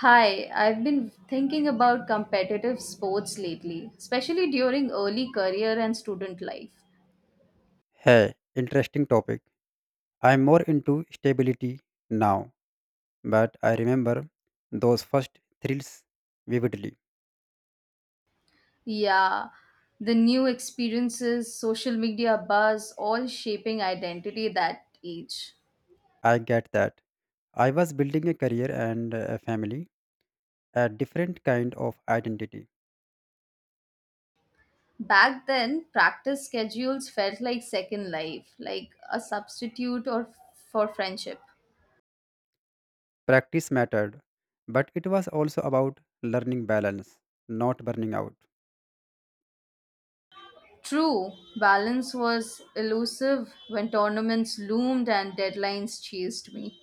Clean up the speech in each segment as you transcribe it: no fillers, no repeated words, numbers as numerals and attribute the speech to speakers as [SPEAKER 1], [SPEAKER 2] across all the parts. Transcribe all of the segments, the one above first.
[SPEAKER 1] Hi, I've been thinking about competitive sports lately, especially during early career and student life.
[SPEAKER 2] Hey, interesting topic. I'm more into stability now, but I remember those first thrills vividly.
[SPEAKER 1] Yeah, the new experiences, social media buzz, all shaping identity that age.
[SPEAKER 2] I get that. I was building a career and a family, a different kind of identity.
[SPEAKER 1] Back then, practice schedules felt like second life, like a substitute or for friendship.
[SPEAKER 2] Practice mattered, but it was also about learning balance, not burning out.
[SPEAKER 1] True, balance was elusive when tournaments loomed and deadlines chased me.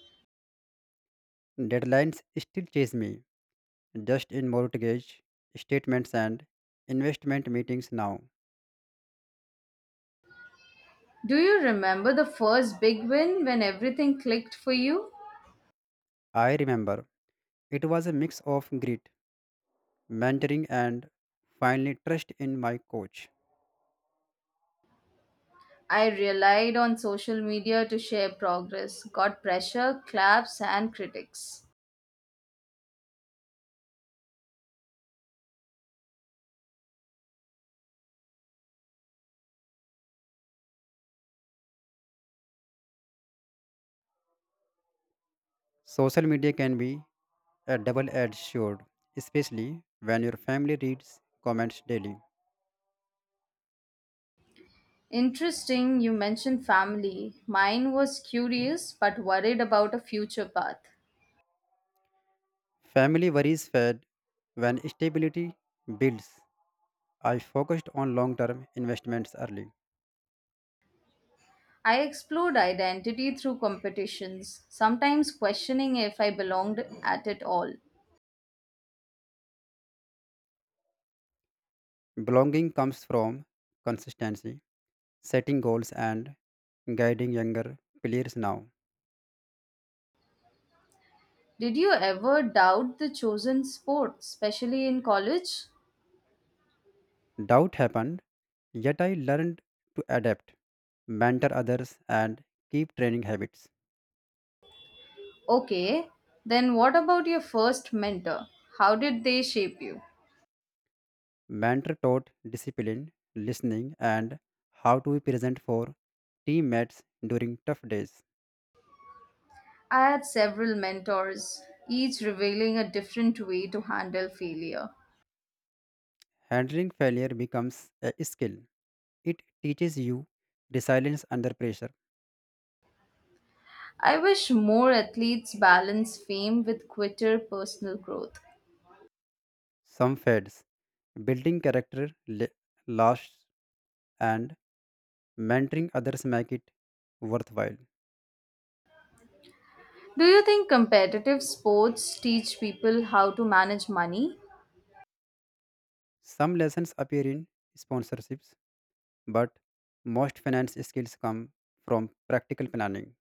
[SPEAKER 2] Deadlines still chase me, just in mortgage statements and investment meetings now.
[SPEAKER 1] Do you remember the first big win when everything clicked for you?
[SPEAKER 2] I remember it was a mix of grit mentoring, and finally trust in my coach.
[SPEAKER 1] I relied on social media to share progress, got pressure, claps, and critics.
[SPEAKER 2] Social media can be a double edged sword, especially when your family reads comments daily.
[SPEAKER 1] Interesting, you mentioned family. Mine was curious but worried about a future path.
[SPEAKER 2] Family worries fade when stability builds. I focused on long term investments early.
[SPEAKER 1] I explored identity through competitions, sometimes questioning if I belonged at it all.
[SPEAKER 2] Belonging comes from consistency, setting goals, and guiding younger players now.
[SPEAKER 1] Did you ever doubt the chosen sport, especially in college?
[SPEAKER 2] Doubt happened, yet I learned to adapt, mentor others, and keep training habits.
[SPEAKER 1] Okay, then what about your first mentor? How did they shape you?
[SPEAKER 2] Mentor taught discipline, listening, and how to be present for teammates during tough days.
[SPEAKER 1] I had several mentors, each revealing a different way to handle failure.
[SPEAKER 2] Handling failure becomes a skill. It teaches you resilience under pressure.
[SPEAKER 1] I wish more athletes balance fame with quitter personal growth.
[SPEAKER 2] Some fades. Building character lasts, and mentoring others make it worthwhile.
[SPEAKER 1] Do you think competitive sports teach people how to manage money?
[SPEAKER 2] Some lessons appear in sponsorships, but most finance skills come from practical planning.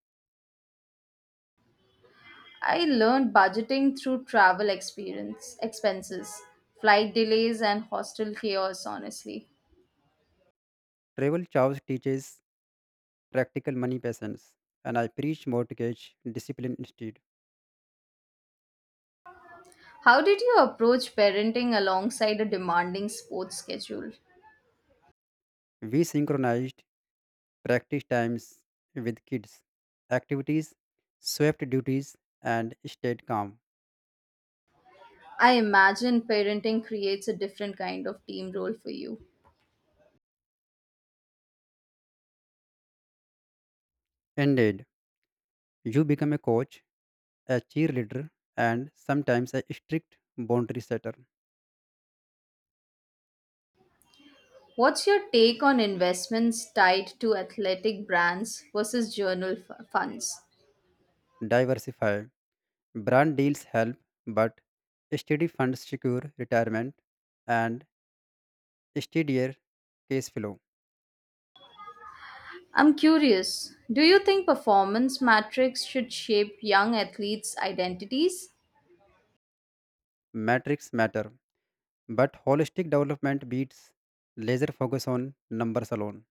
[SPEAKER 1] I learned budgeting through travel experience, expenses, flight delays, and hostel chaos, honestly.
[SPEAKER 2] Travel chows teaches practical money patience, and I preach mortgage discipline instead.
[SPEAKER 1] How did you approach parenting alongside a demanding sports schedule?
[SPEAKER 2] We synchronized practice times with kids, activities, swept duties, and stayed calm.
[SPEAKER 1] I imagine parenting creates a different kind of team role for you.
[SPEAKER 2] Indeed, you become a coach, a cheerleader, and sometimes a strict boundary setter.
[SPEAKER 1] What's your take on investments tied to athletic brands versus funds?
[SPEAKER 2] Diversify. Brand deals help, but steady funds secure retirement and steadier case flow.
[SPEAKER 1] I'm curious, do you think performance metrics should shape young athletes' identities?
[SPEAKER 2] Metrics matter. But holistic development beats laser focus on numbers alone.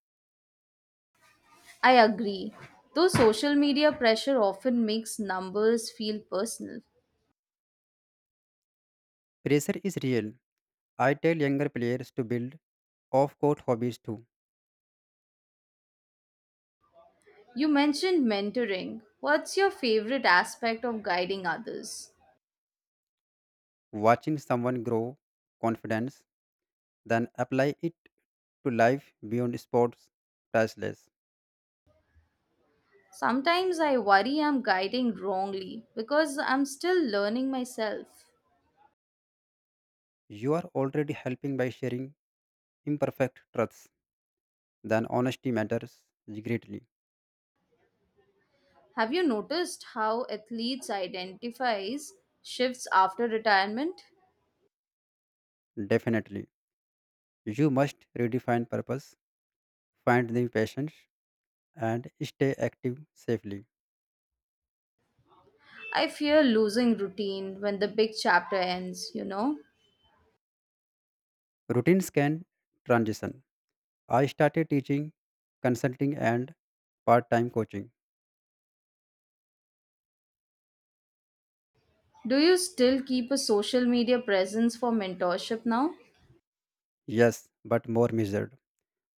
[SPEAKER 1] I agree, though social media pressure often makes numbers feel personal.
[SPEAKER 2] Pressure is real. I tell younger players to build off court hobbies too.
[SPEAKER 1] You mentioned mentoring. What's your favorite aspect of guiding others?
[SPEAKER 2] Watching someone grow confidence, then apply it to life beyond sports, priceless.
[SPEAKER 1] Sometimes I worry I'm guiding wrongly because I'm still learning myself.
[SPEAKER 2] You are already helping by sharing imperfect truths. Then honesty matters greatly.
[SPEAKER 1] Have you noticed how athletes identifies shifts after retirement?
[SPEAKER 2] Definitely. You must redefine purpose, find new passions, and stay active safely.
[SPEAKER 1] I fear losing routine when the big chapter ends.
[SPEAKER 2] Routines can transition. I started teaching, consulting, and part time coaching.
[SPEAKER 1] Do you still keep a social media presence for mentorship now?
[SPEAKER 2] Yes, but more measured.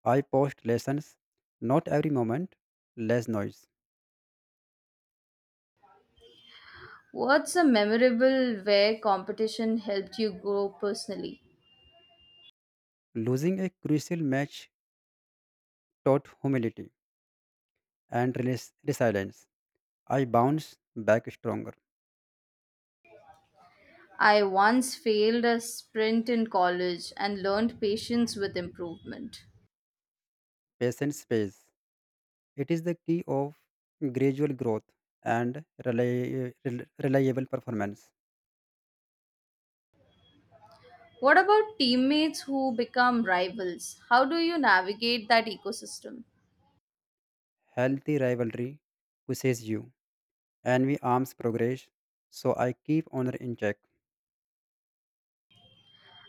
[SPEAKER 2] I post lessons, not every moment, less noise.
[SPEAKER 1] What's a memorable where competition helped you grow personally?
[SPEAKER 2] Losing a crucial match taught humility and resilience. I bounce back stronger.
[SPEAKER 1] I once failed a sprint in college and learned patience with improvement.
[SPEAKER 2] Patience pays. It is the key of gradual growth and reliable performance.
[SPEAKER 1] What about teammates who become rivals? How do you navigate that ecosystem?
[SPEAKER 2] Healthy rivalry pushes you, envy arms progress, so I keep honor in check.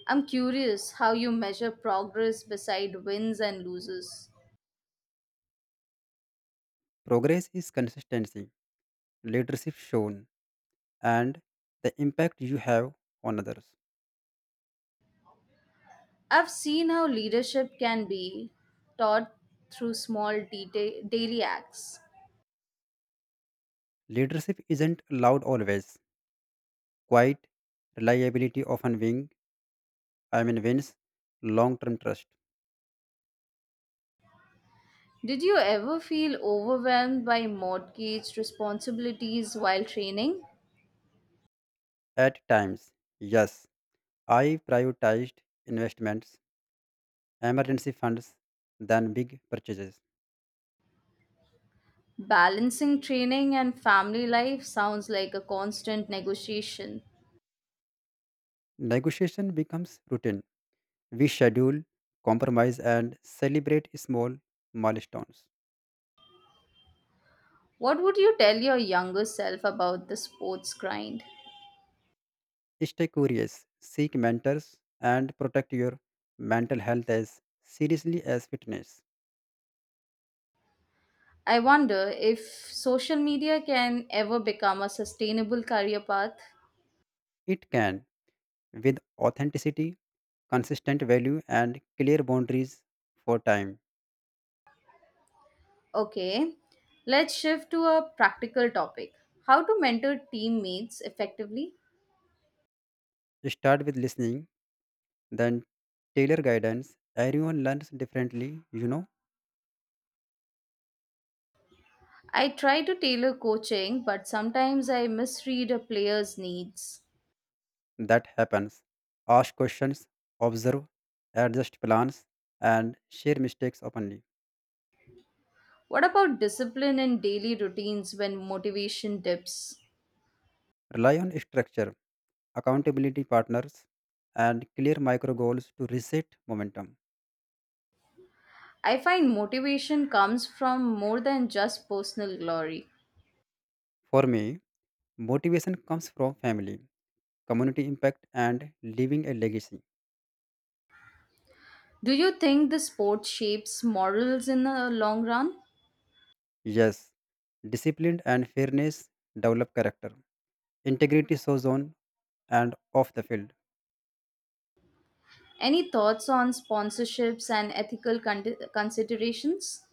[SPEAKER 1] I'm curious how you measure progress beside wins and losses.
[SPEAKER 2] Progress is consistency, leadership shown, and the impact you have on others.
[SPEAKER 1] I've seen how leadership can be taught through daily acts.
[SPEAKER 2] Leadership isn't loud always, quiet, reliability often wing, I mean wins, long term trust.
[SPEAKER 1] Did you ever feel overwhelmed by mortgage responsibilities while training?
[SPEAKER 2] At times, yes, I prioritized investments, emergency funds, than big purchases.
[SPEAKER 1] Balancing training and family life sounds like a constant negotiation.
[SPEAKER 2] Negotiation becomes routine. We schedule, compromise, and celebrate small milestones.
[SPEAKER 1] What would you tell your younger self about the sports grind?
[SPEAKER 2] Stay curious, seek mentors, and protect your mental health as seriously as fitness.
[SPEAKER 1] I wonder if social media can ever become a sustainable career path.
[SPEAKER 2] It can, with authenticity, consistent value, and clear boundaries for time.
[SPEAKER 1] Okay, let's shift to a practical topic how to mentor teammates effectively.
[SPEAKER 2] Start with listening, then tailor guidance. Everyone learns differently, you know,
[SPEAKER 1] I try to tailor coaching, but sometimes I misread a player's needs.
[SPEAKER 2] that happens. Ask questions, observe, adjust plans, and share mistakes openly.
[SPEAKER 1] What about discipline and daily routines when motivation dips?
[SPEAKER 2] Rely on structure, accountability partners, and clear micro goals to reset momentum.
[SPEAKER 1] I find motivation comes from more than just personal glory.
[SPEAKER 2] For me, motivation comes from family, community impact, and leaving a legacy.
[SPEAKER 1] Do you think the sport shapes morals in the long run?
[SPEAKER 2] Yes, discipline and fairness develop character. Integrity shows on and off the field.
[SPEAKER 1] Any thoughts on sponsorships and considerations?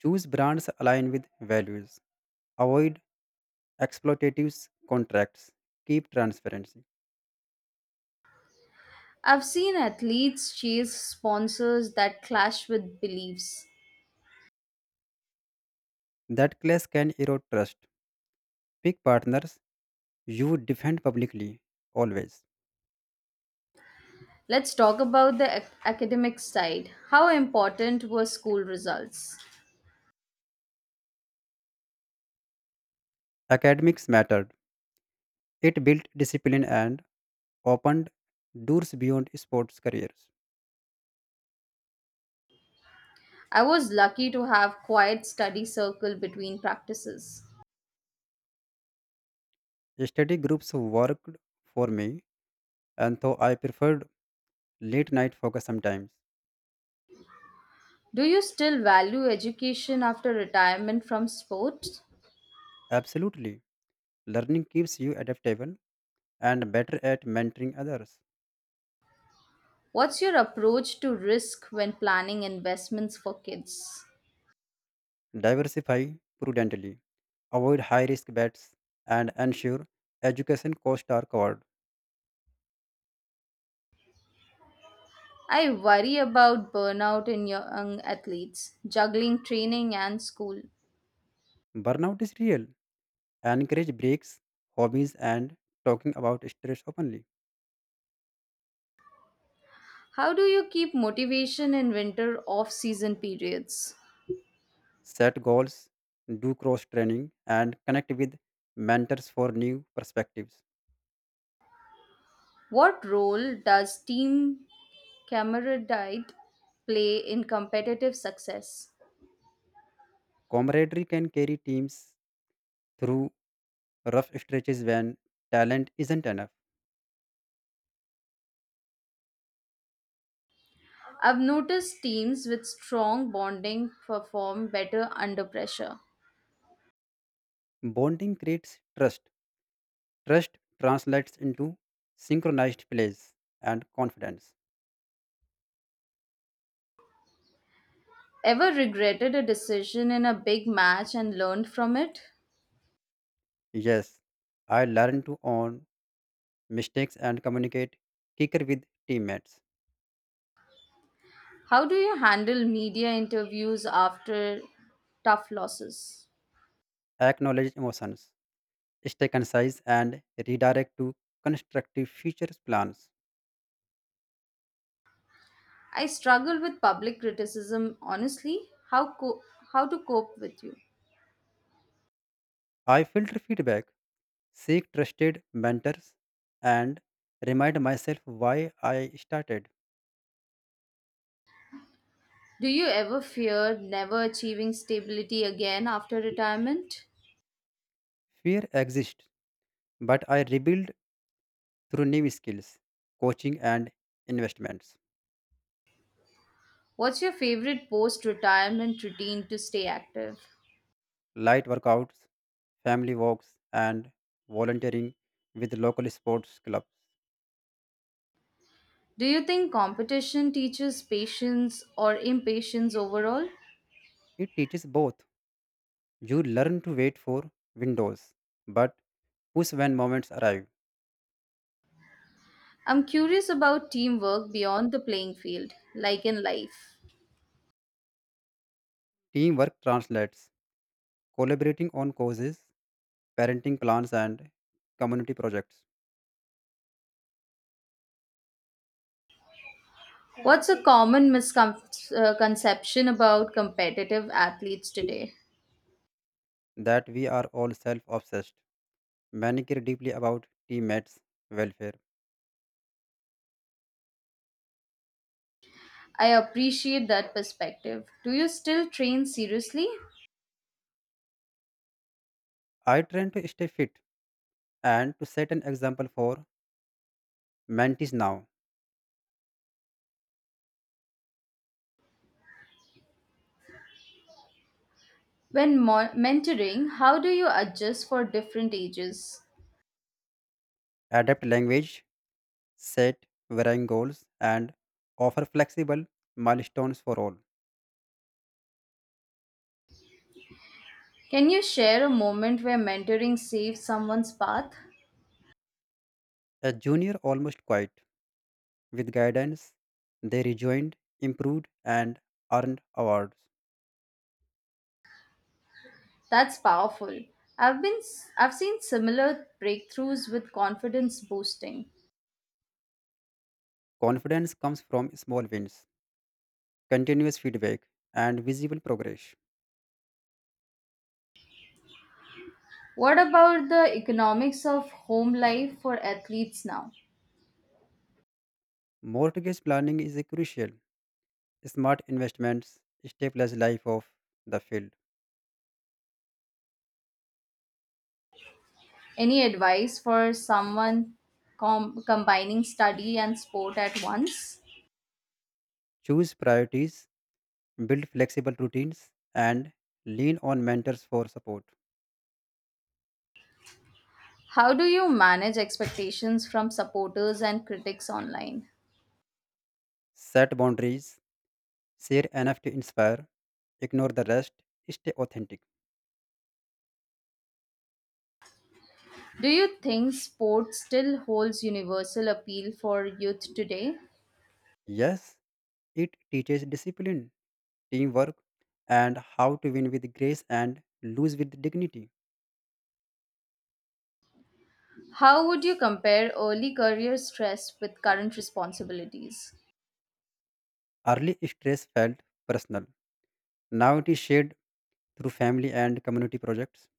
[SPEAKER 2] Choose brands aligned with values. Avoid exploitative contracts. Keep transparency.
[SPEAKER 1] I've seen athletes chase sponsors that clash with beliefs.
[SPEAKER 2] That clash can erode trust. Pick partners you defend publicly, always.
[SPEAKER 1] Let's talk about the academic side. How important were school results?
[SPEAKER 2] Academics mattered. It built discipline and opened doors beyond sports careers.
[SPEAKER 1] I was lucky to have quiet study circle between practices.
[SPEAKER 2] Study groups worked for me, and though I preferred late night focus sometimes.
[SPEAKER 1] Do you still value education after retirement from sports?
[SPEAKER 2] Absolutely, learning keeps you adaptable and better at mentoring others.
[SPEAKER 1] What's your approach to risk when planning investments for kids?
[SPEAKER 2] Diversify prudently, avoid high risk bets, and ensure education costs are covered.
[SPEAKER 1] I worry about burnout in young athletes, juggling training and school.
[SPEAKER 2] Burnout is real. Encourage breaks, hobbies, and talking about stress openly.
[SPEAKER 1] How do you keep motivation in winter off season periods?
[SPEAKER 2] Set goals, do cross training, and connect with mentors for new perspectives.
[SPEAKER 1] What role does team camaraderie play in competitive success?
[SPEAKER 2] Camaraderie can carry teams through rough stretches when talent isn't enough.
[SPEAKER 1] I've noticed teams with strong bonding perform better under pressure.
[SPEAKER 2] Bonding creates trust. Trust translates into synchronized plays and confidence.
[SPEAKER 1] Ever regretted a decision in a big match and learned from it?
[SPEAKER 2] Yes, I learned to own mistakes and communicate quicker with teammates.
[SPEAKER 1] How do you handle media interviews after tough losses?
[SPEAKER 2] Acknowledge emotions, stay concise, and redirect to constructive future plans.
[SPEAKER 1] I struggle with public criticism, honestly. How co- how to cope with you?
[SPEAKER 2] I filter feedback seek trusted mentors, and remind myself why I started.
[SPEAKER 1] Do you ever fear never achieving stability again after retirement?
[SPEAKER 2] Fear exists, but I rebuild through new skills, coaching and investments,
[SPEAKER 1] What's your favorite post-retirement routine to stay active?
[SPEAKER 2] light workouts, family walks, and volunteering with local sports clubs.
[SPEAKER 1] Do you think competition teaches patience or impatience overall?
[SPEAKER 2] It teaches both. You learn to wait for windows, but push when moments arrive.
[SPEAKER 1] I'm curious about teamwork beyond the playing field, like in life.
[SPEAKER 2] Teamwork translates, collaborating on causes, parenting plans, and community projects.
[SPEAKER 1] What's a common misconception about competitive athletes today?
[SPEAKER 2] That we are all self obsessed. Many care deeply about teammates' welfare.
[SPEAKER 1] I appreciate that perspective. Do you still train seriously?
[SPEAKER 2] I train to stay fit and to set an example for mentees now.
[SPEAKER 1] Mentoring, how do you adjust for different ages?
[SPEAKER 2] Adapt language, set varying goals, and offer flexible milestones for all.
[SPEAKER 1] Can you share a moment where mentoring saved someone's path?
[SPEAKER 2] A junior almost quiet. With guidance, they rejoined, improved, and earned awards.
[SPEAKER 1] That's powerful. I've been I I've seen similar breakthroughs with confidence boosting.
[SPEAKER 2] Confidence comes from small wins, continuous feedback, and visible progress.
[SPEAKER 1] What about the economics of home life for athletes now?
[SPEAKER 2] Mortgage planning is a crucial. Smart investments, stabilize life of the field.
[SPEAKER 1] Any advice for someone combining study and sport at once?
[SPEAKER 2] Choose priorities, build flexible routines, and lean on mentors for support.
[SPEAKER 1] How do you manage expectations from supporters and critics online?
[SPEAKER 2] Set boundaries, share enough to inspire, ignore the rest, stay authentic.
[SPEAKER 1] Do you think sport still holds universal appeal for youth today?
[SPEAKER 2] Yes, it teaches discipline, teamwork, and how to win with grace and lose with dignity.
[SPEAKER 1] How would you compare early career stress with current responsibilities?
[SPEAKER 2] Early stress felt personal. Now it is shared through family and community projects,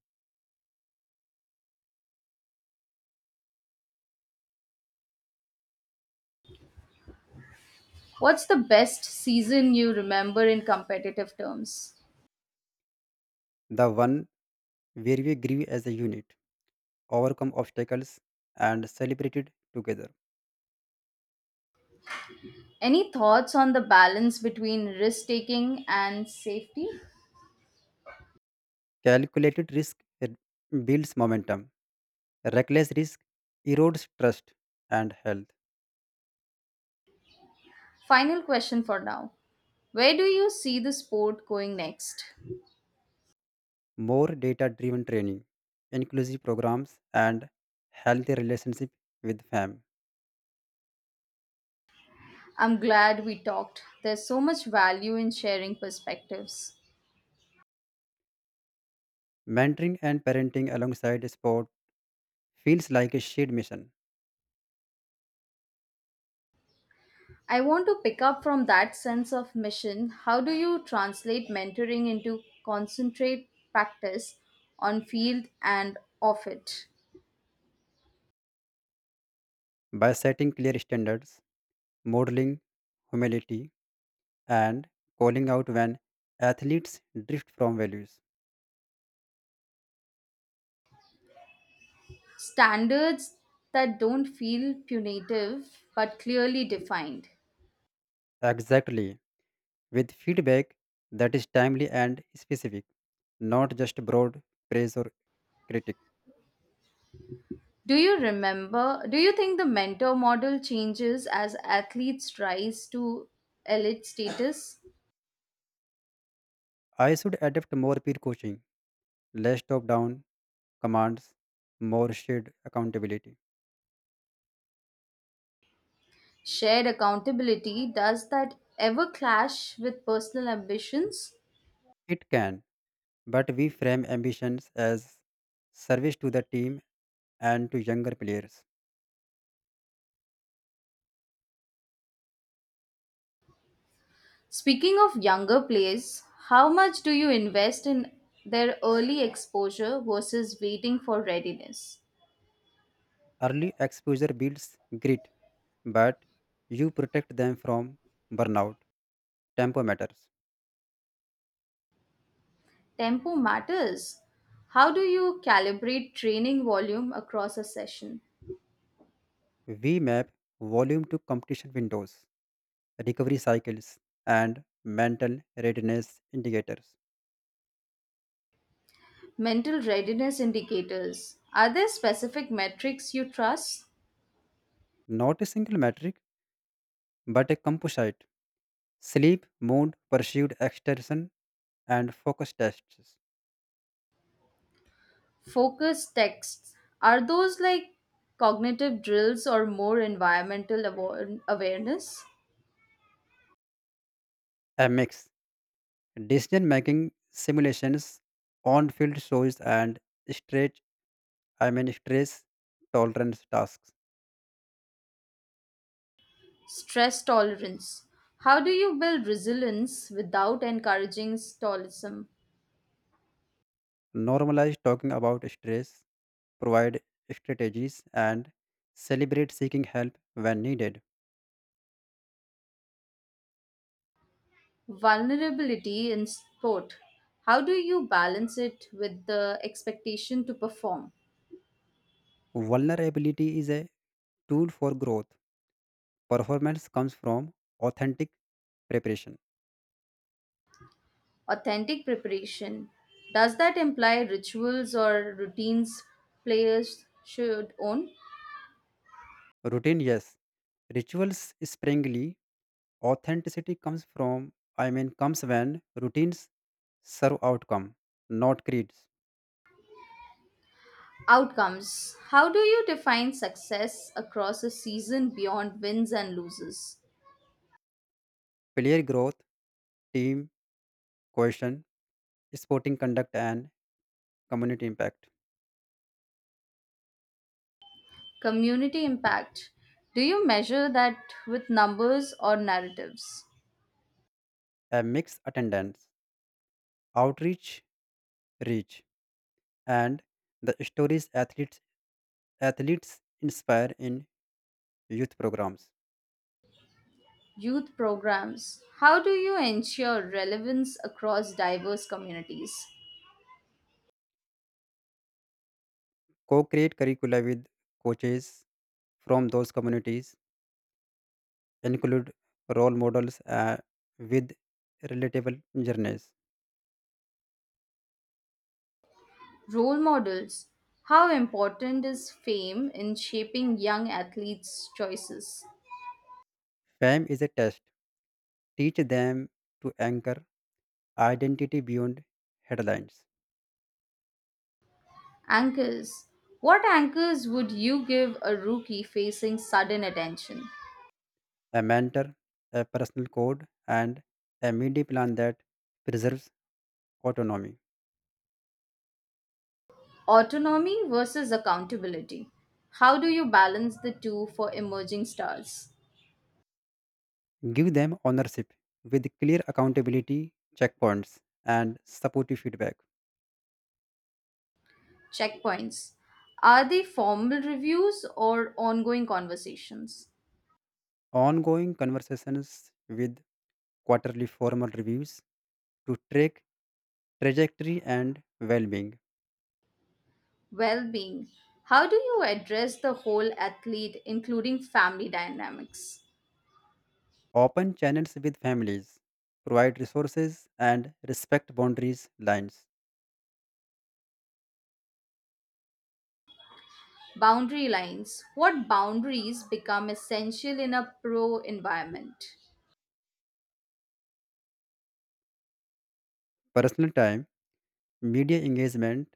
[SPEAKER 1] What's the best season you remember in competitive terms?
[SPEAKER 2] the one where we grew as a unit. Overcome obstacles, and celebrated together.
[SPEAKER 1] Any thoughts on the balance between risk taking and safety?
[SPEAKER 2] Calculated risk uh, builds momentum. Reckless risk erodes trust and health.
[SPEAKER 1] Final question for now. Where do you see the sport going next?
[SPEAKER 2] More data driven training, inclusive programs, and healthy relationship with fam.
[SPEAKER 1] I'm glad we talked. There's so much value in sharing perspectives.
[SPEAKER 2] Mentoring and parenting alongside sport feels like a shared mission.
[SPEAKER 1] I want to pick up from that sense of mission. How do you translate mentoring into concentrate practice on field and off it?
[SPEAKER 2] By setting clear standards, modeling humility, and calling out when athletes drift from values.
[SPEAKER 1] Standards that don't feel punitive but clearly defined.
[SPEAKER 2] Exactly. With feedback that is timely and specific, not just broad praise or critique.
[SPEAKER 1] Do you remember? Do you think the mentor model changes as athletes rise to elite status?
[SPEAKER 2] I should adopt more peer coaching, less top down commands, more shared accountability.
[SPEAKER 1] Shared accountability, does that ever clash with personal ambitions?
[SPEAKER 2] It can, but we frame ambitions as service to the team and to younger players.
[SPEAKER 1] Speaking of younger players, how much do you invest in their early exposure versus waiting for readiness?
[SPEAKER 2] Early exposure builds grit, but you protect them from burnout. Tempo matters.
[SPEAKER 1] Tempo matters. How do you calibrate training volume across a session?
[SPEAKER 2] We map volume to competition windows recovery cycles, and mental readiness indicators.
[SPEAKER 1] Mental readiness indicators. Are there specific metrics you trust?
[SPEAKER 2] Not a single metric, but a composite sleep, mood, perceived extension, and focus tests.
[SPEAKER 1] Focus texts. Are those like cognitive drills or more awareness?
[SPEAKER 2] A mix decision making simulations, on field shows, and stretch, stress tolerance tasks.
[SPEAKER 1] Stress tolerance. How do you build resilience without encouraging stoicism?
[SPEAKER 2] Normalize talking about stress, provide strategies, and celebrate seeking help when needed.
[SPEAKER 1] Vulnerability in sport. How do you balance it with the expectation to perform?
[SPEAKER 2] Vulnerability is a tool for growth. Performance comes from authentic preparation.
[SPEAKER 1] Authentic preparation. Does that imply rituals or routines players should own?
[SPEAKER 2] Routine, yes. Rituals springly. Authenticity comes from, I mean, comes when routines serve outcome, not creeds.
[SPEAKER 1] Outcomes. How do you define success across a season beyond wins and loses?
[SPEAKER 2] Player growth, team cohesion, sporting conduct, and community impact.
[SPEAKER 1] Community impact. Do you measure that with numbers or narratives?
[SPEAKER 2] A mixed attendance, outreach, reach, and the stories athletes inspire in youth programs.
[SPEAKER 1] Youth programs. How do you ensure relevance across diverse communities?
[SPEAKER 2] Co-create curricula with coaches from those communities include role models with relatable journeys.
[SPEAKER 1] Role models. How important is fame in shaping young athletes' choices?
[SPEAKER 2] Fame is a test. Teach them to anchor identity beyond headlines.
[SPEAKER 1] Anchors. What anchors would you give a rookie facing sudden attention?
[SPEAKER 2] A mentor, a personal code, and a media plan that preserves autonomy.
[SPEAKER 1] Autonomy versus accountability. How do you balance the two for emerging stars?
[SPEAKER 2] Give them ownership with clear accountability checkpoints and supportive feedback.
[SPEAKER 1] Checkpoints. Are they formal reviews or ongoing conversations?
[SPEAKER 2] Ongoing conversations with quarterly formal reviews to track trajectory and well being.
[SPEAKER 1] Well being. How do you address the whole athlete, including family dynamics?
[SPEAKER 2] Open channels with families. Provide resources and respect boundaries lines.
[SPEAKER 1] Boundary lines. What boundaries become essential in a pro environment?
[SPEAKER 2] Personal time, media engagement,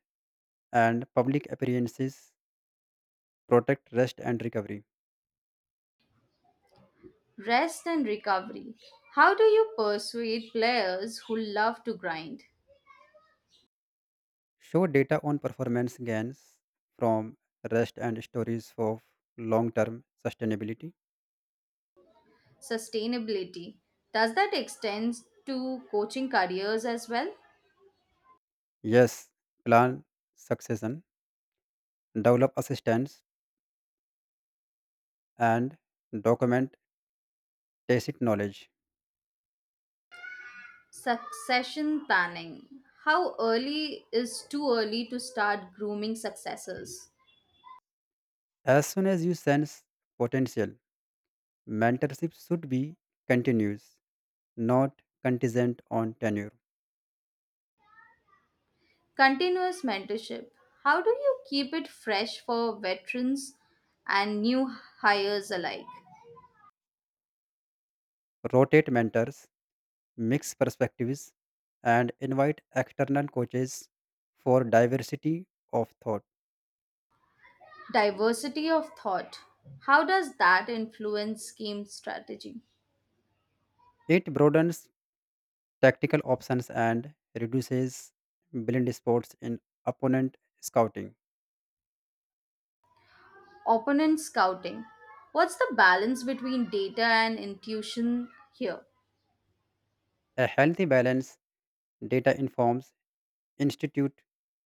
[SPEAKER 2] and public appearances protect rest and recovery.
[SPEAKER 1] Rest and recovery. How do you persuade players who love to grind?
[SPEAKER 2] Show data on performance gains from rest and stories of long term sustainability.
[SPEAKER 1] Sustainability. Does that extend to coaching careers as well?
[SPEAKER 2] Yes, plan succession, develop assistance, and document tacit knowledge.
[SPEAKER 1] Succession planning. How early is too early to start grooming successors?
[SPEAKER 2] As soon as you sense potential, mentorship should be continuous. Not contingent on tenure.
[SPEAKER 1] Continuous mentorship. How do you keep it fresh for veterans and new hires alike?
[SPEAKER 2] Rotate mentors, mix perspectives, and invite external coaches for diversity of thought.
[SPEAKER 1] Diversity of thought. How does that influence game strategy?
[SPEAKER 2] It broadens tactical options and reduces blind spots in opponent scouting.
[SPEAKER 1] Opponent scouting. What's the balance between data and intuition here?
[SPEAKER 2] A healthy balance data informs institute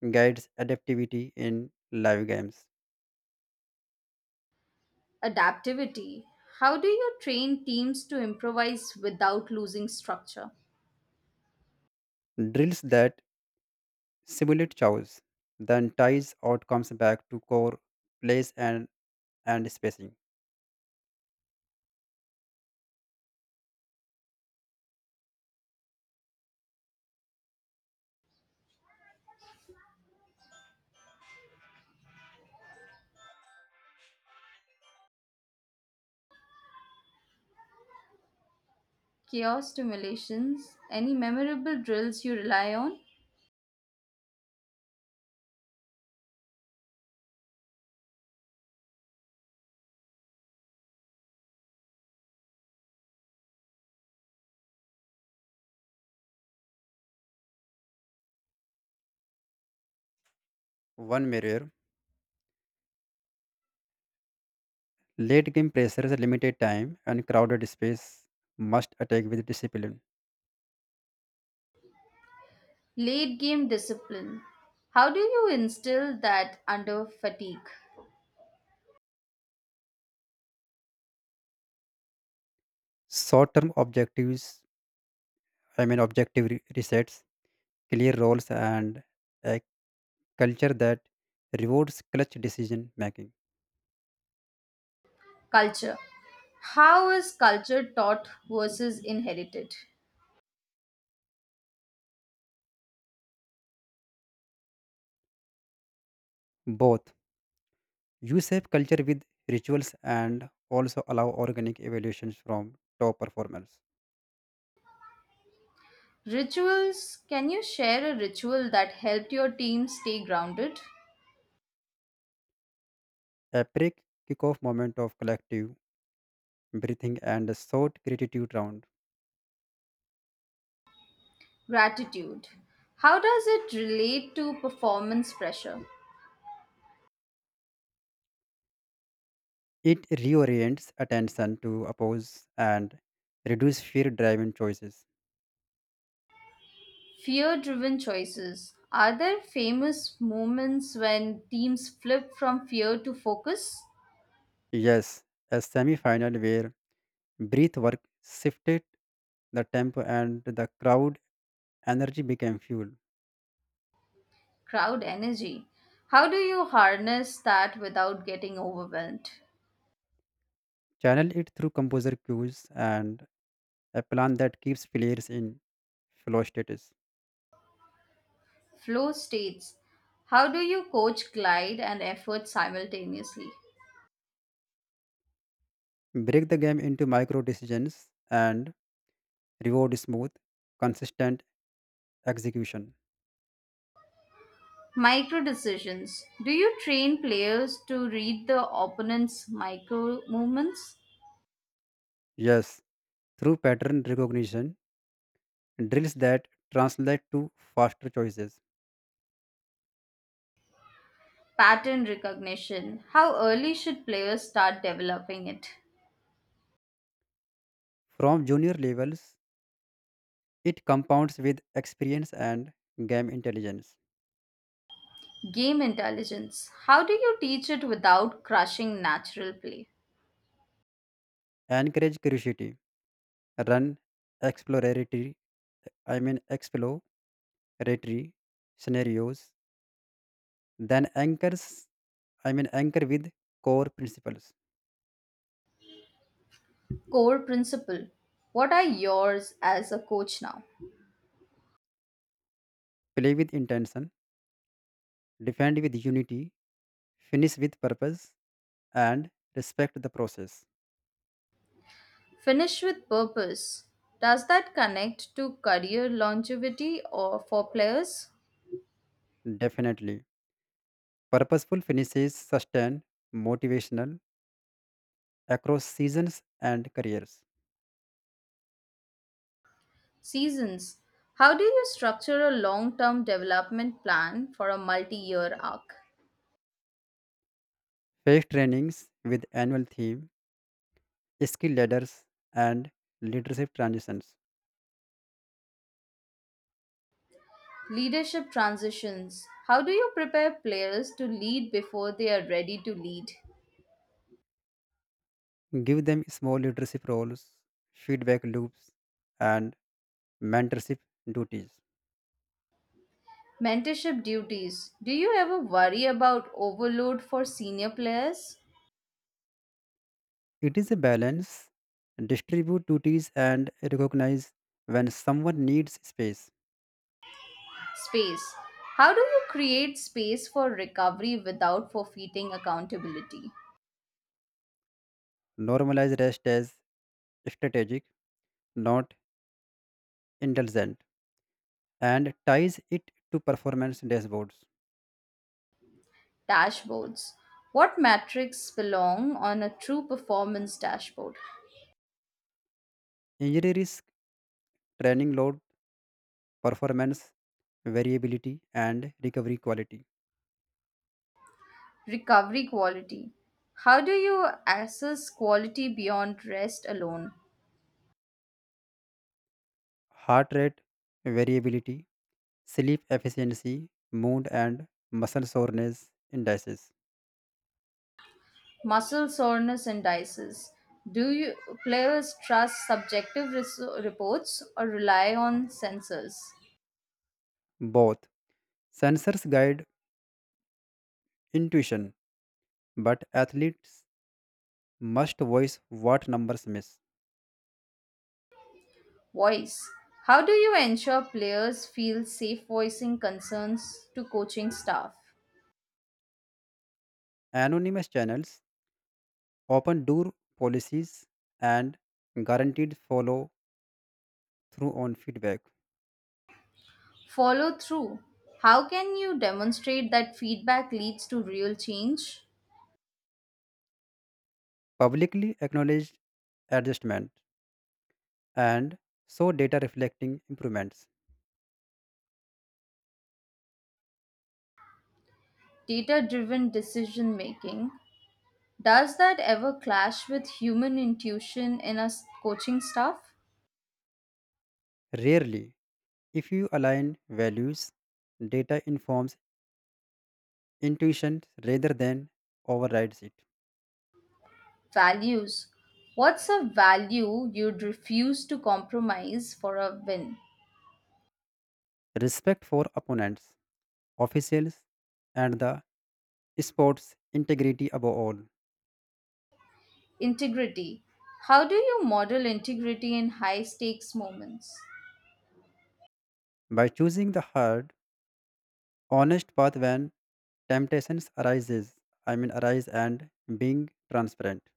[SPEAKER 2] guides adaptivity in live games.
[SPEAKER 1] Adaptivity. How do you train teams to improvise without losing structure?
[SPEAKER 2] Drills that simulate chows, then ties outcomes back to core place and spacing.
[SPEAKER 1] Chaos stimulations. Any memorable drills you rely on?
[SPEAKER 2] One mirror. Late game pressures, limited time, and crowded space must attack with discipline.
[SPEAKER 1] Late game discipline. How do you instill that under fatigue?
[SPEAKER 2] Short term objective resets, clear roles, and a culture that rewards clutch decision making.
[SPEAKER 1] Culture. How is culture taught versus inherited?
[SPEAKER 2] Both. You save culture with rituals and also allow organic evaluations from top performers.
[SPEAKER 1] Rituals. Can you share a ritual that helped your team stay grounded?
[SPEAKER 2] A break kickoff moment of collective breathing and a short gratitude round.
[SPEAKER 1] Gratitude. How does it relate to performance pressure?
[SPEAKER 2] It reorients attention to oppose and reduce fear driven choices.
[SPEAKER 1] Fear driven choices. Are there famous moments when teams flip from fear to focus?
[SPEAKER 2] Yes, a semi final where breath work shifted the tempo and the crowd energy became fuel.
[SPEAKER 1] Crowd energy. How do you harness that without getting overwhelmed?
[SPEAKER 2] Channel it through composer cues and a plan that keeps players in flow status.
[SPEAKER 1] Flow states. How do you coach glide and effort simultaneously?
[SPEAKER 2] Break the game into micro decisions and reward smooth, consistent execution.
[SPEAKER 1] Micro decisions. Do you train players to read the opponent's micro movements?
[SPEAKER 2] Yes, through pattern recognition, drills that translate to faster choices.
[SPEAKER 1] Pattern recognition. How early should players start developing it?
[SPEAKER 2] From junior levels, it compounds with experience and game intelligence.
[SPEAKER 1] Game intelligence. How do you teach it without crushing natural play?
[SPEAKER 2] Encourage curiosity, run exploratory, exploratory scenarios, then anchors, I mean anchor with core principles.
[SPEAKER 1] Core principle. What are yours as a coach now?
[SPEAKER 2] Play with intention, defend with unity, finish with purpose, and respect the process.
[SPEAKER 1] Finish with purpose. Does that connect to career longevity or for players?
[SPEAKER 2] Definitely. Purposeful finishes sustain motivational across seasons and careers.
[SPEAKER 1] Seasons. How do you structure a long term development plan for a multi year arc?
[SPEAKER 2] Face trainings with annual theme, skill ladders, and leadership transitions.
[SPEAKER 1] Leadership transitions. How do you prepare players to lead before they are ready to lead?
[SPEAKER 2] Give them small leadership roles, feedback loops, and mentorship duties.
[SPEAKER 1] Mentorship duties. Do you ever worry about overload for senior players?
[SPEAKER 2] It is a balance. Distribute duties and recognize when someone needs space.
[SPEAKER 1] Space. How do you create space for recovery without forfeiting accountability?
[SPEAKER 2] Normalize rest as strategic, not indulgent, and ties it to performance dashboards.
[SPEAKER 1] Dashboards. What metrics belong on a true performance dashboard?
[SPEAKER 2] Injury risk, training load, performance variability, and recovery quality.
[SPEAKER 1] Recovery quality. How do you assess quality beyond rest alone?
[SPEAKER 2] Heart rate variability, sleep efficiency, mood, and muscle soreness indices.
[SPEAKER 1] Muscle soreness indices. Do you players trust reports or rely on sensors?
[SPEAKER 2] Both sensors guide intuition, but athletes must voice what numbers miss.
[SPEAKER 1] Voice. How do you ensure players feel safe voicing concerns to coaching staff?
[SPEAKER 2] Anonymous channels, open door policies, and guaranteed follow through on feedback.
[SPEAKER 1] Follow through. How can you demonstrate that feedback leads to real change?
[SPEAKER 2] Publicly acknowledged adjustment and so data reflecting improvements.
[SPEAKER 1] Data driven decision making. Does that ever clash with human intuition in a coaching staff?
[SPEAKER 2] Rarely, if you align values, data informs intuition rather than overrides it.
[SPEAKER 1] Values. What's a value you'd refuse to compromise for a win?
[SPEAKER 2] Respect for opponents, officials, and the sport's integrity above all.
[SPEAKER 1] Integrity. How do you model integrity in high stakes moments?
[SPEAKER 2] By choosing the hard, honest path when temptations arises, I mean arise and being transparent.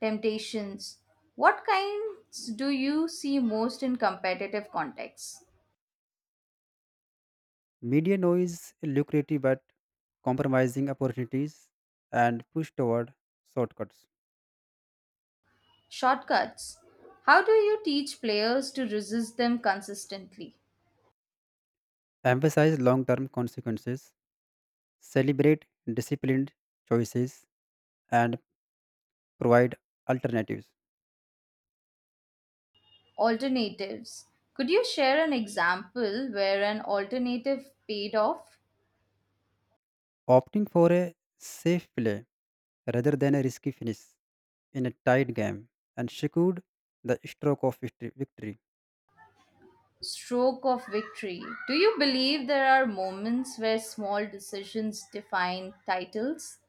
[SPEAKER 1] Temptations. What kinds do you see most in competitive contexts?
[SPEAKER 2] Media noise lucrative but compromising opportunities and push toward shortcuts.
[SPEAKER 1] Shortcuts. How do you teach players to resist them consistently?
[SPEAKER 2] Emphasize long-term consequences, celebrate disciplined choices, and provide alternatives.
[SPEAKER 1] Alternatives. Could you share an example where an alternative paid off?
[SPEAKER 2] Opting for a safe play rather than a risky finish in a tight game and secured the stroke of victory.
[SPEAKER 1] Stroke of victory. Do you believe there are moments where small decisions define titles?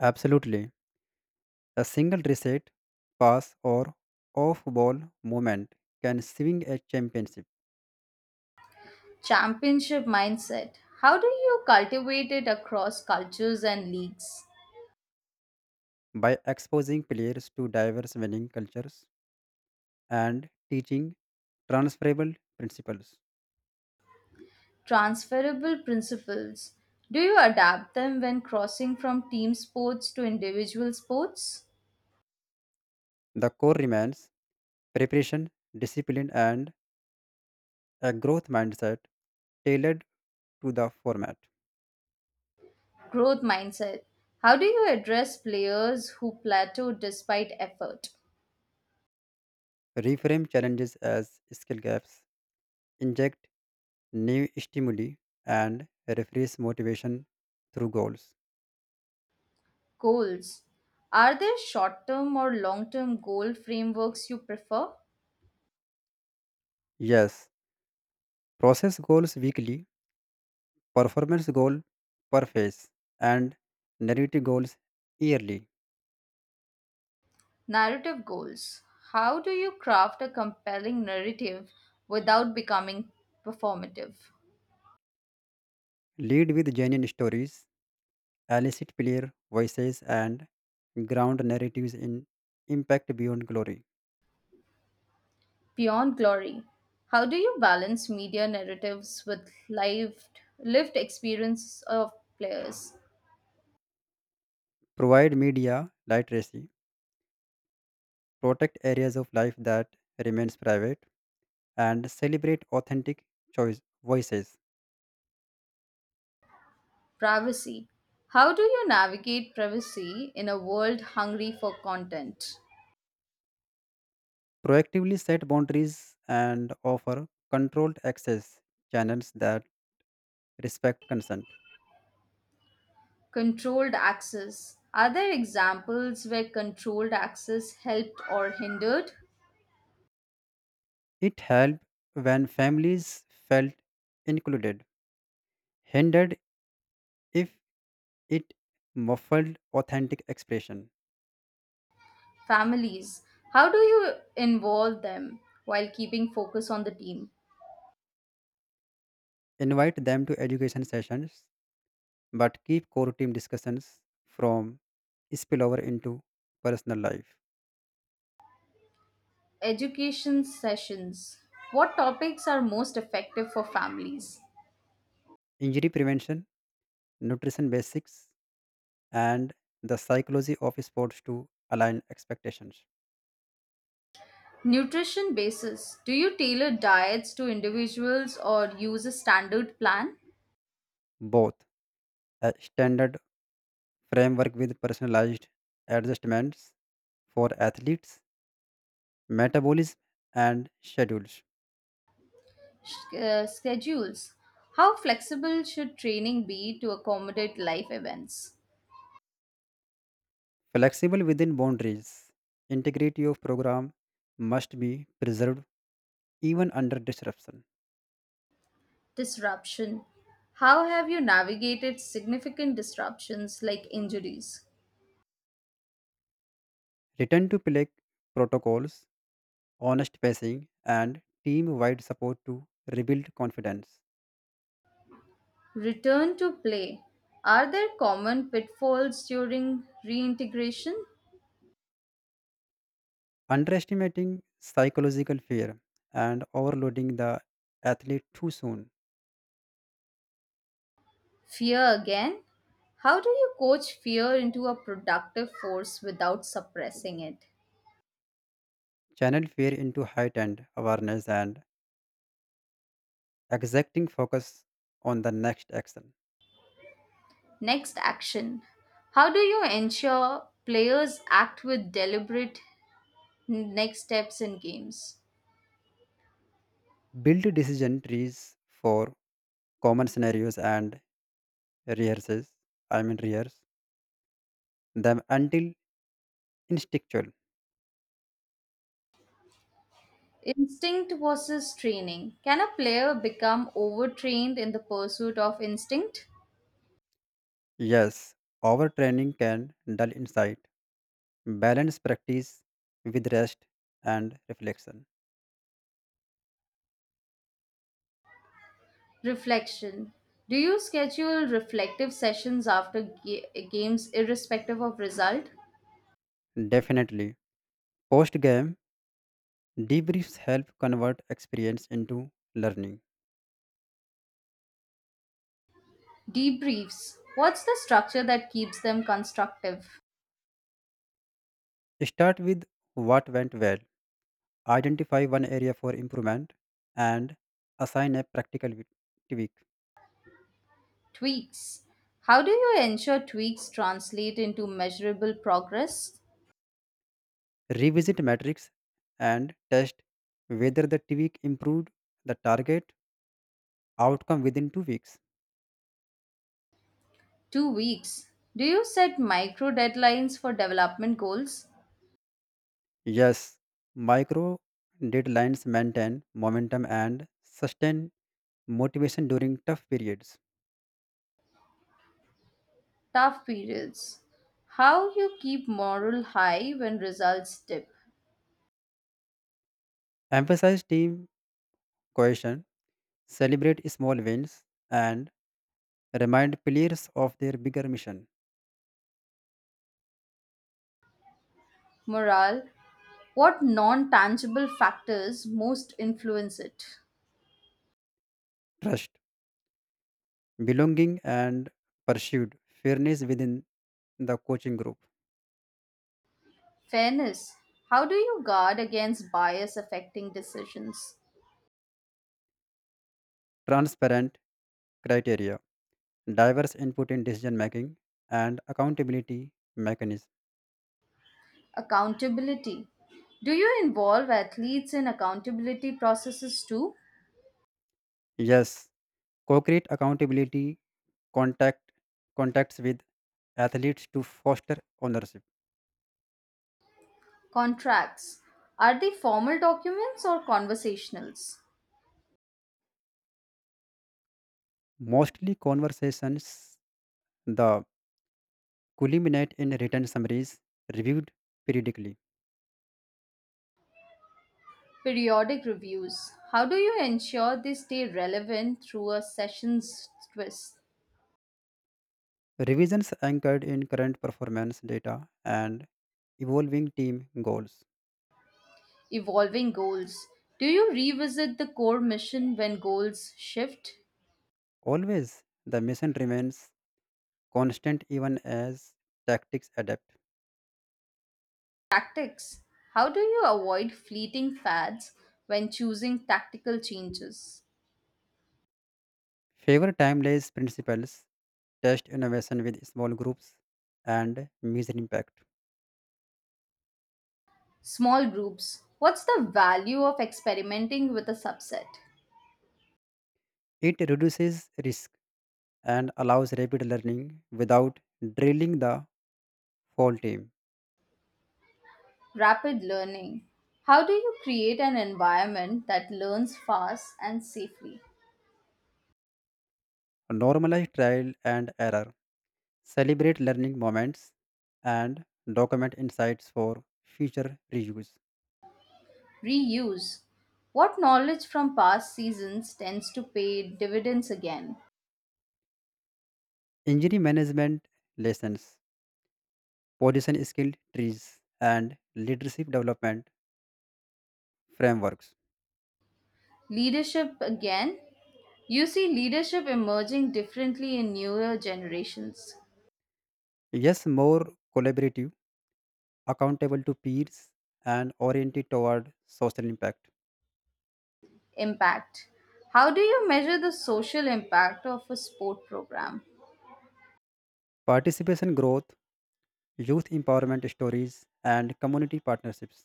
[SPEAKER 2] Absolutely. A single reset, pass, or off ball movement can swing a championship
[SPEAKER 1] Championship mindset. How do you cultivate it across cultures and leagues?
[SPEAKER 2] by exposing players to diverse winning cultures and teaching transferable principles.
[SPEAKER 1] Transferable principles. Do you adapt them when crossing from team sports to individual sports?
[SPEAKER 2] The core remains preparation, discipline, and a growth mindset tailored to the format.
[SPEAKER 1] Growth mindset. How do you address players who plateau despite effort?
[SPEAKER 2] Reframe challenges as skill gaps, inject new stimuli, and refresh motivation through goals.
[SPEAKER 1] Goals. Are there short term or long term goal frameworks you prefer?
[SPEAKER 2] Yes, process goals weekly, performance goal per phase, and narrative goals yearly.
[SPEAKER 1] Narrative goals. How do you craft a compelling narrative without becoming performative?
[SPEAKER 2] Lead with genuine stories, elicit clear voices, and ground narratives in impact beyond glory.
[SPEAKER 1] Beyond glory. How do you balance media narratives with lived experience of players?
[SPEAKER 2] Provide media literacy, protect areas of life that remains private, and celebrate authentic choice voices.
[SPEAKER 1] Privacy. How do you navigate privacy in a world hungry for content?
[SPEAKER 2] Proactively set boundaries and offer controlled access channels that respect consent.
[SPEAKER 1] Controlled access. Are there examples where controlled access helped or hindered?
[SPEAKER 2] It helped when families felt included, hindered if it muffled authentic expression.
[SPEAKER 1] Families. How do you involve them while keeping focus on the team?
[SPEAKER 2] Invite them to education sessions, but keep core team discussions from spillover into personal life.
[SPEAKER 1] Education sessions. What topics are most effective for families?
[SPEAKER 2] Injury prevention, nutrition basics, and the psychology of sports to align expectations.
[SPEAKER 1] Nutrition basis. Do you tailor diets to individuals or use a standard plan?
[SPEAKER 2] Both a standard framework with personalized adjustments for athletes, metabolism, and schedules.
[SPEAKER 1] Schedules. How flexible should training be to accommodate life events?
[SPEAKER 2] Flexible within boundaries, integrity of program must be preserved even under disruption.
[SPEAKER 1] Disruption. How have you navigated significant disruptions like injuries?
[SPEAKER 2] Return to play protocols, honest pacing, and team wide support to rebuild confidence.
[SPEAKER 1] Return to play. Are there common pitfalls during reintegration?
[SPEAKER 2] Underestimating psychological fear and overloading the athlete too soon.
[SPEAKER 1] Fear again. How do you coach fear into a productive force without suppressing it?
[SPEAKER 2] Channel fear into heightened awareness and exacting focus on the next action.
[SPEAKER 1] Next action. How do you ensure players act with deliberate next steps in games.
[SPEAKER 2] Build decision trees for common scenarios and rehearses I mean rehearse them until instinctual.
[SPEAKER 1] Instinct versus training. Can a player become overtrained in the pursuit of instinct?
[SPEAKER 2] Yes, overtraining can dull insight. Balance practice with rest and reflection.
[SPEAKER 1] Reflection. Do you schedule reflective sessions after games irrespective of result?
[SPEAKER 2] Definitely, post game debriefs help convert experience into learning.
[SPEAKER 1] Debriefs. What's the structure that keeps them constructive?
[SPEAKER 2] Start with what went well, identify one area for improvement, and assign a practical tweak.
[SPEAKER 1] Tweaks. How do you ensure tweaks translate into measurable progress?
[SPEAKER 2] Revisit metrics and test whether the tweak improved the target outcome within 2 weeks.
[SPEAKER 1] 2 weeks. Do you set micro deadlines for development goals?
[SPEAKER 2] Yes, micro deadlines maintain momentum and sustain motivation during tough periods.
[SPEAKER 1] Tough periods. How you keep morale high when results dip?
[SPEAKER 2] Emphasize team cohesion, celebrate small wins, and remind players of their bigger mission.
[SPEAKER 1] Morale. What non tangible factors most influence it?
[SPEAKER 2] Trust, belonging, and pursued fairness within the coaching group.
[SPEAKER 1] Fairness. How do you guard against bias affecting decisions?
[SPEAKER 2] Transparent criteria, diverse input in decision making, and accountability mechanism.
[SPEAKER 1] Accountability. Do you involve athletes in accountability processes too?
[SPEAKER 2] Yes, co create accountability contact contacts with athletes to foster ownership.
[SPEAKER 1] Contracts. Are they formal documents or conversationals?
[SPEAKER 2] Mostly conversations the culminate in written summaries reviewed periodically.
[SPEAKER 1] Periodic reviews. How do you ensure they stay relevant through a session's twist?
[SPEAKER 2] Revisions anchored in current performance data and evolving team goals.
[SPEAKER 1] Evolving goals. Do you revisit the core mission when goals shift?
[SPEAKER 2] Always, the mission remains constant even as tactics adapt.
[SPEAKER 1] Tactics. How do you avoid fleeting fads when choosing tactical changes?
[SPEAKER 2] Favor time-based principles, test innovation with small groups, and measure impact.
[SPEAKER 1] Small groups. What's the value of experimenting with a subset?
[SPEAKER 2] It reduces risk and allows rapid learning without drilling the whole team.
[SPEAKER 1] Rapid learning. How do you create an environment that learns fast and safely?
[SPEAKER 2] Normalize trial and error, celebrate learning moments, and document insights for future reuse.
[SPEAKER 1] Reuse. What knowledge from past seasons tends to pay dividends again?
[SPEAKER 2] Injury management lessons, position skill trees, and leadership development frameworks.
[SPEAKER 1] Leadership again? You see leadership emerging differently in newer generations.
[SPEAKER 2] Yes, more collaborative, accountable to peers, and oriented toward social impact.
[SPEAKER 1] Impact. How do you measure the social impact of a sport program?
[SPEAKER 2] Participation growth, youth empowerment stories, and community partnerships.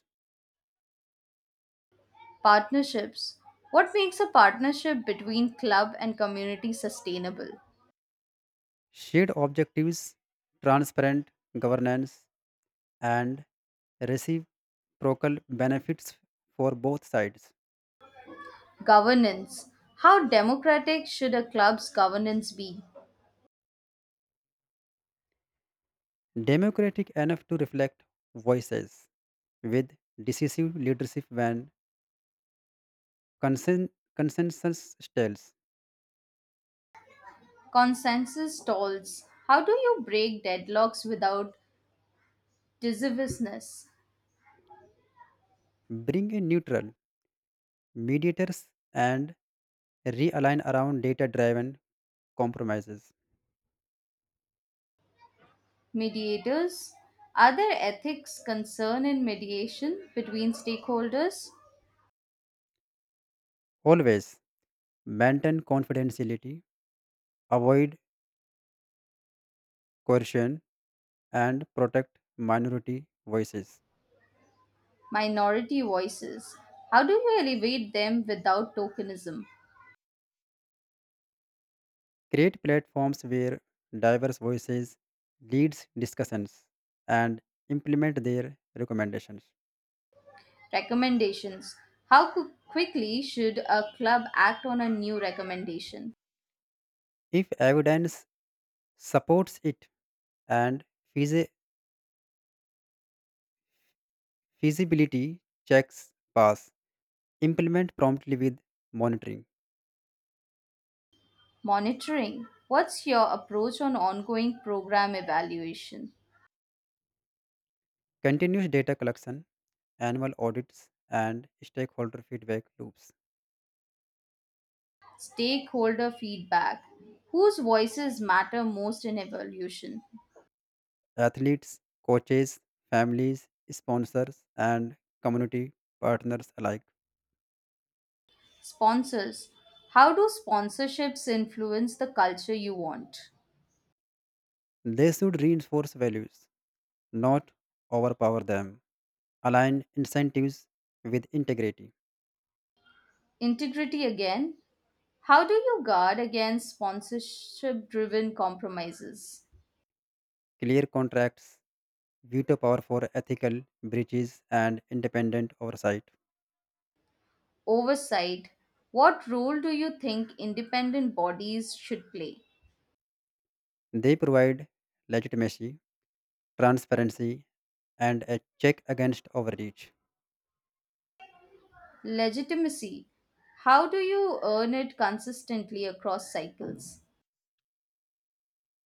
[SPEAKER 1] Partnerships. What makes a partnership between club and community sustainable?
[SPEAKER 2] Shared objectives, transparent governance, and receive procul benefits for both sides.
[SPEAKER 1] Governance. How democratic should a club's governance be?
[SPEAKER 2] Democratic enough to reflect voices with decisive leadership when consen- consensus stalls.
[SPEAKER 1] Consensus stalls. How do you break deadlocks without divisiveness?
[SPEAKER 2] Bring in neutral mediators and realign around data driven compromises.
[SPEAKER 1] Mediators. Are there ethics concern in mediation between stakeholders?
[SPEAKER 2] Always maintain confidentiality, avoid coercion, and protect minority voices.
[SPEAKER 1] Minority voices. How do you elevate them without tokenism?
[SPEAKER 2] Create platforms where diverse voices leads discussions and implement their recommendations.
[SPEAKER 1] Recommendations. Quickly should a club act on a new recommendation?
[SPEAKER 2] If evidence supports it and feasi- feasibility checks pass, implement promptly with monitoring,
[SPEAKER 1] Monitoring. What's your approach on ongoing program evaluation?
[SPEAKER 2] continuous data collection, annual audits, and stakeholder feedback loops.
[SPEAKER 1] Stakeholder feedback, whose voices matter most in evolution?
[SPEAKER 2] Athletes, coaches, families, sponsors, and community partners alike.
[SPEAKER 1] Sponsors, how do sponsorships influence the culture you want?
[SPEAKER 2] They should reinforce values, not overpower them. Align incentives with integrity.
[SPEAKER 1] Integrity again, how do you guard against sponsorship driven compromises?
[SPEAKER 2] Clear contracts, veto power for ethical breaches, and independent oversight.
[SPEAKER 1] Oversight, what role do you think independent bodies should play?
[SPEAKER 2] They provide legitimacy, transparency, and a check against overreach.
[SPEAKER 1] Legitimacy, how do you earn it consistently across cycles?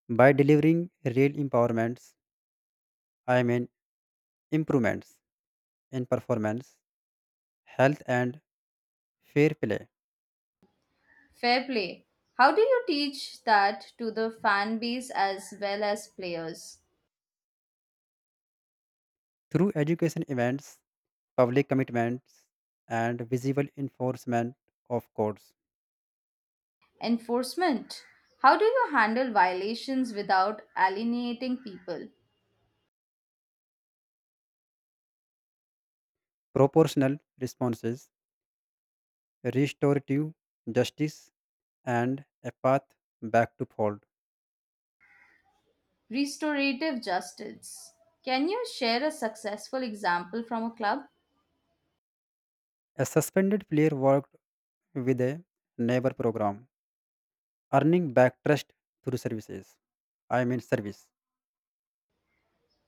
[SPEAKER 2] By delivering real empowerments, I mean improvements in performance, health, and fair play.
[SPEAKER 1] Fair play. How do you teach that to the fan base as well as players?
[SPEAKER 2] Through education events, public commitments, and visible enforcement of codes.
[SPEAKER 1] Enforcement. How do you handle violations without alienating people?
[SPEAKER 2] Proportional responses, restorative justice, and a path back to fold.
[SPEAKER 1] Restorative justice. Can you share a successful example from a club?
[SPEAKER 2] A suspended player worked with a neighbor program, earning back trust through services. I mean service.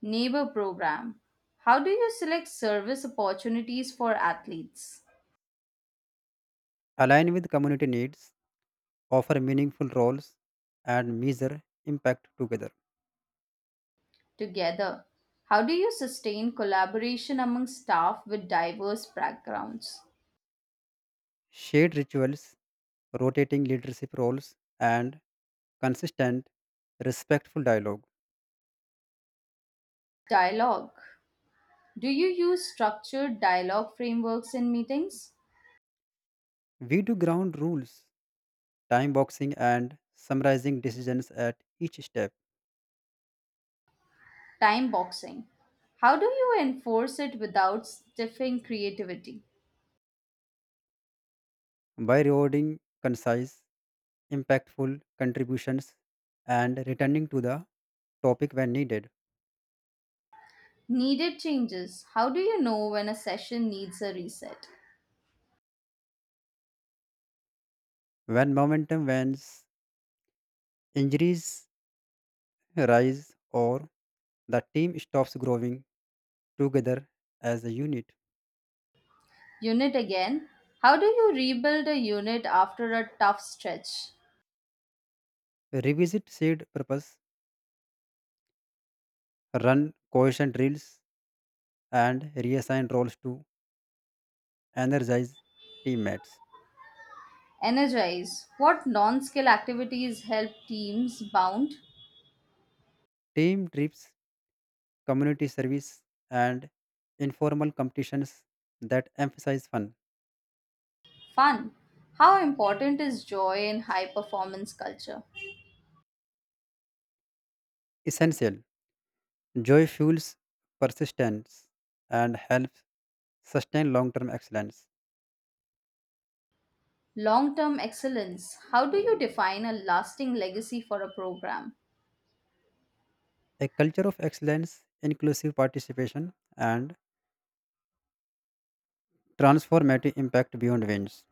[SPEAKER 1] Neighbor program. How do you select service opportunities for athletes?
[SPEAKER 2] Align with community needs, offer meaningful roles, and measure impact together.
[SPEAKER 1] Together. How do you sustain collaboration among staff with diverse backgrounds?
[SPEAKER 2] Shared rituals, rotating leadership roles, and consistent, respectful dialogue.
[SPEAKER 1] Dialogue. Do you use structured dialogue frameworks in meetings?
[SPEAKER 2] We do ground rules, time boxing, and summarizing decisions at each step
[SPEAKER 1] Time boxing. How do you enforce it without stifling creativity?
[SPEAKER 2] by rewarding concise, impactful contributions and returning to the topic when needed.
[SPEAKER 1] Needed changes. How do you know when a session needs a reset?
[SPEAKER 2] When momentum wanes, injuries rise, or the team stops growing together as a unit.
[SPEAKER 1] Unit again. How do you rebuild a unit after a tough stretch?
[SPEAKER 2] Revisit shared purpose, run cohesion drills, and reassign roles to energize teammates.
[SPEAKER 1] Energize. What non skill activities help teams bound?
[SPEAKER 2] Team trips, community service, and informal competitions that emphasize fun.
[SPEAKER 1] Fun. How important is joy in high performance culture?
[SPEAKER 2] Essential joy fuels persistence and helps sustain long term excellence.
[SPEAKER 1] Long term excellence. How do you define a lasting legacy for a program?
[SPEAKER 2] A culture of excellence, inclusive participation, and transformative impact beyond wins.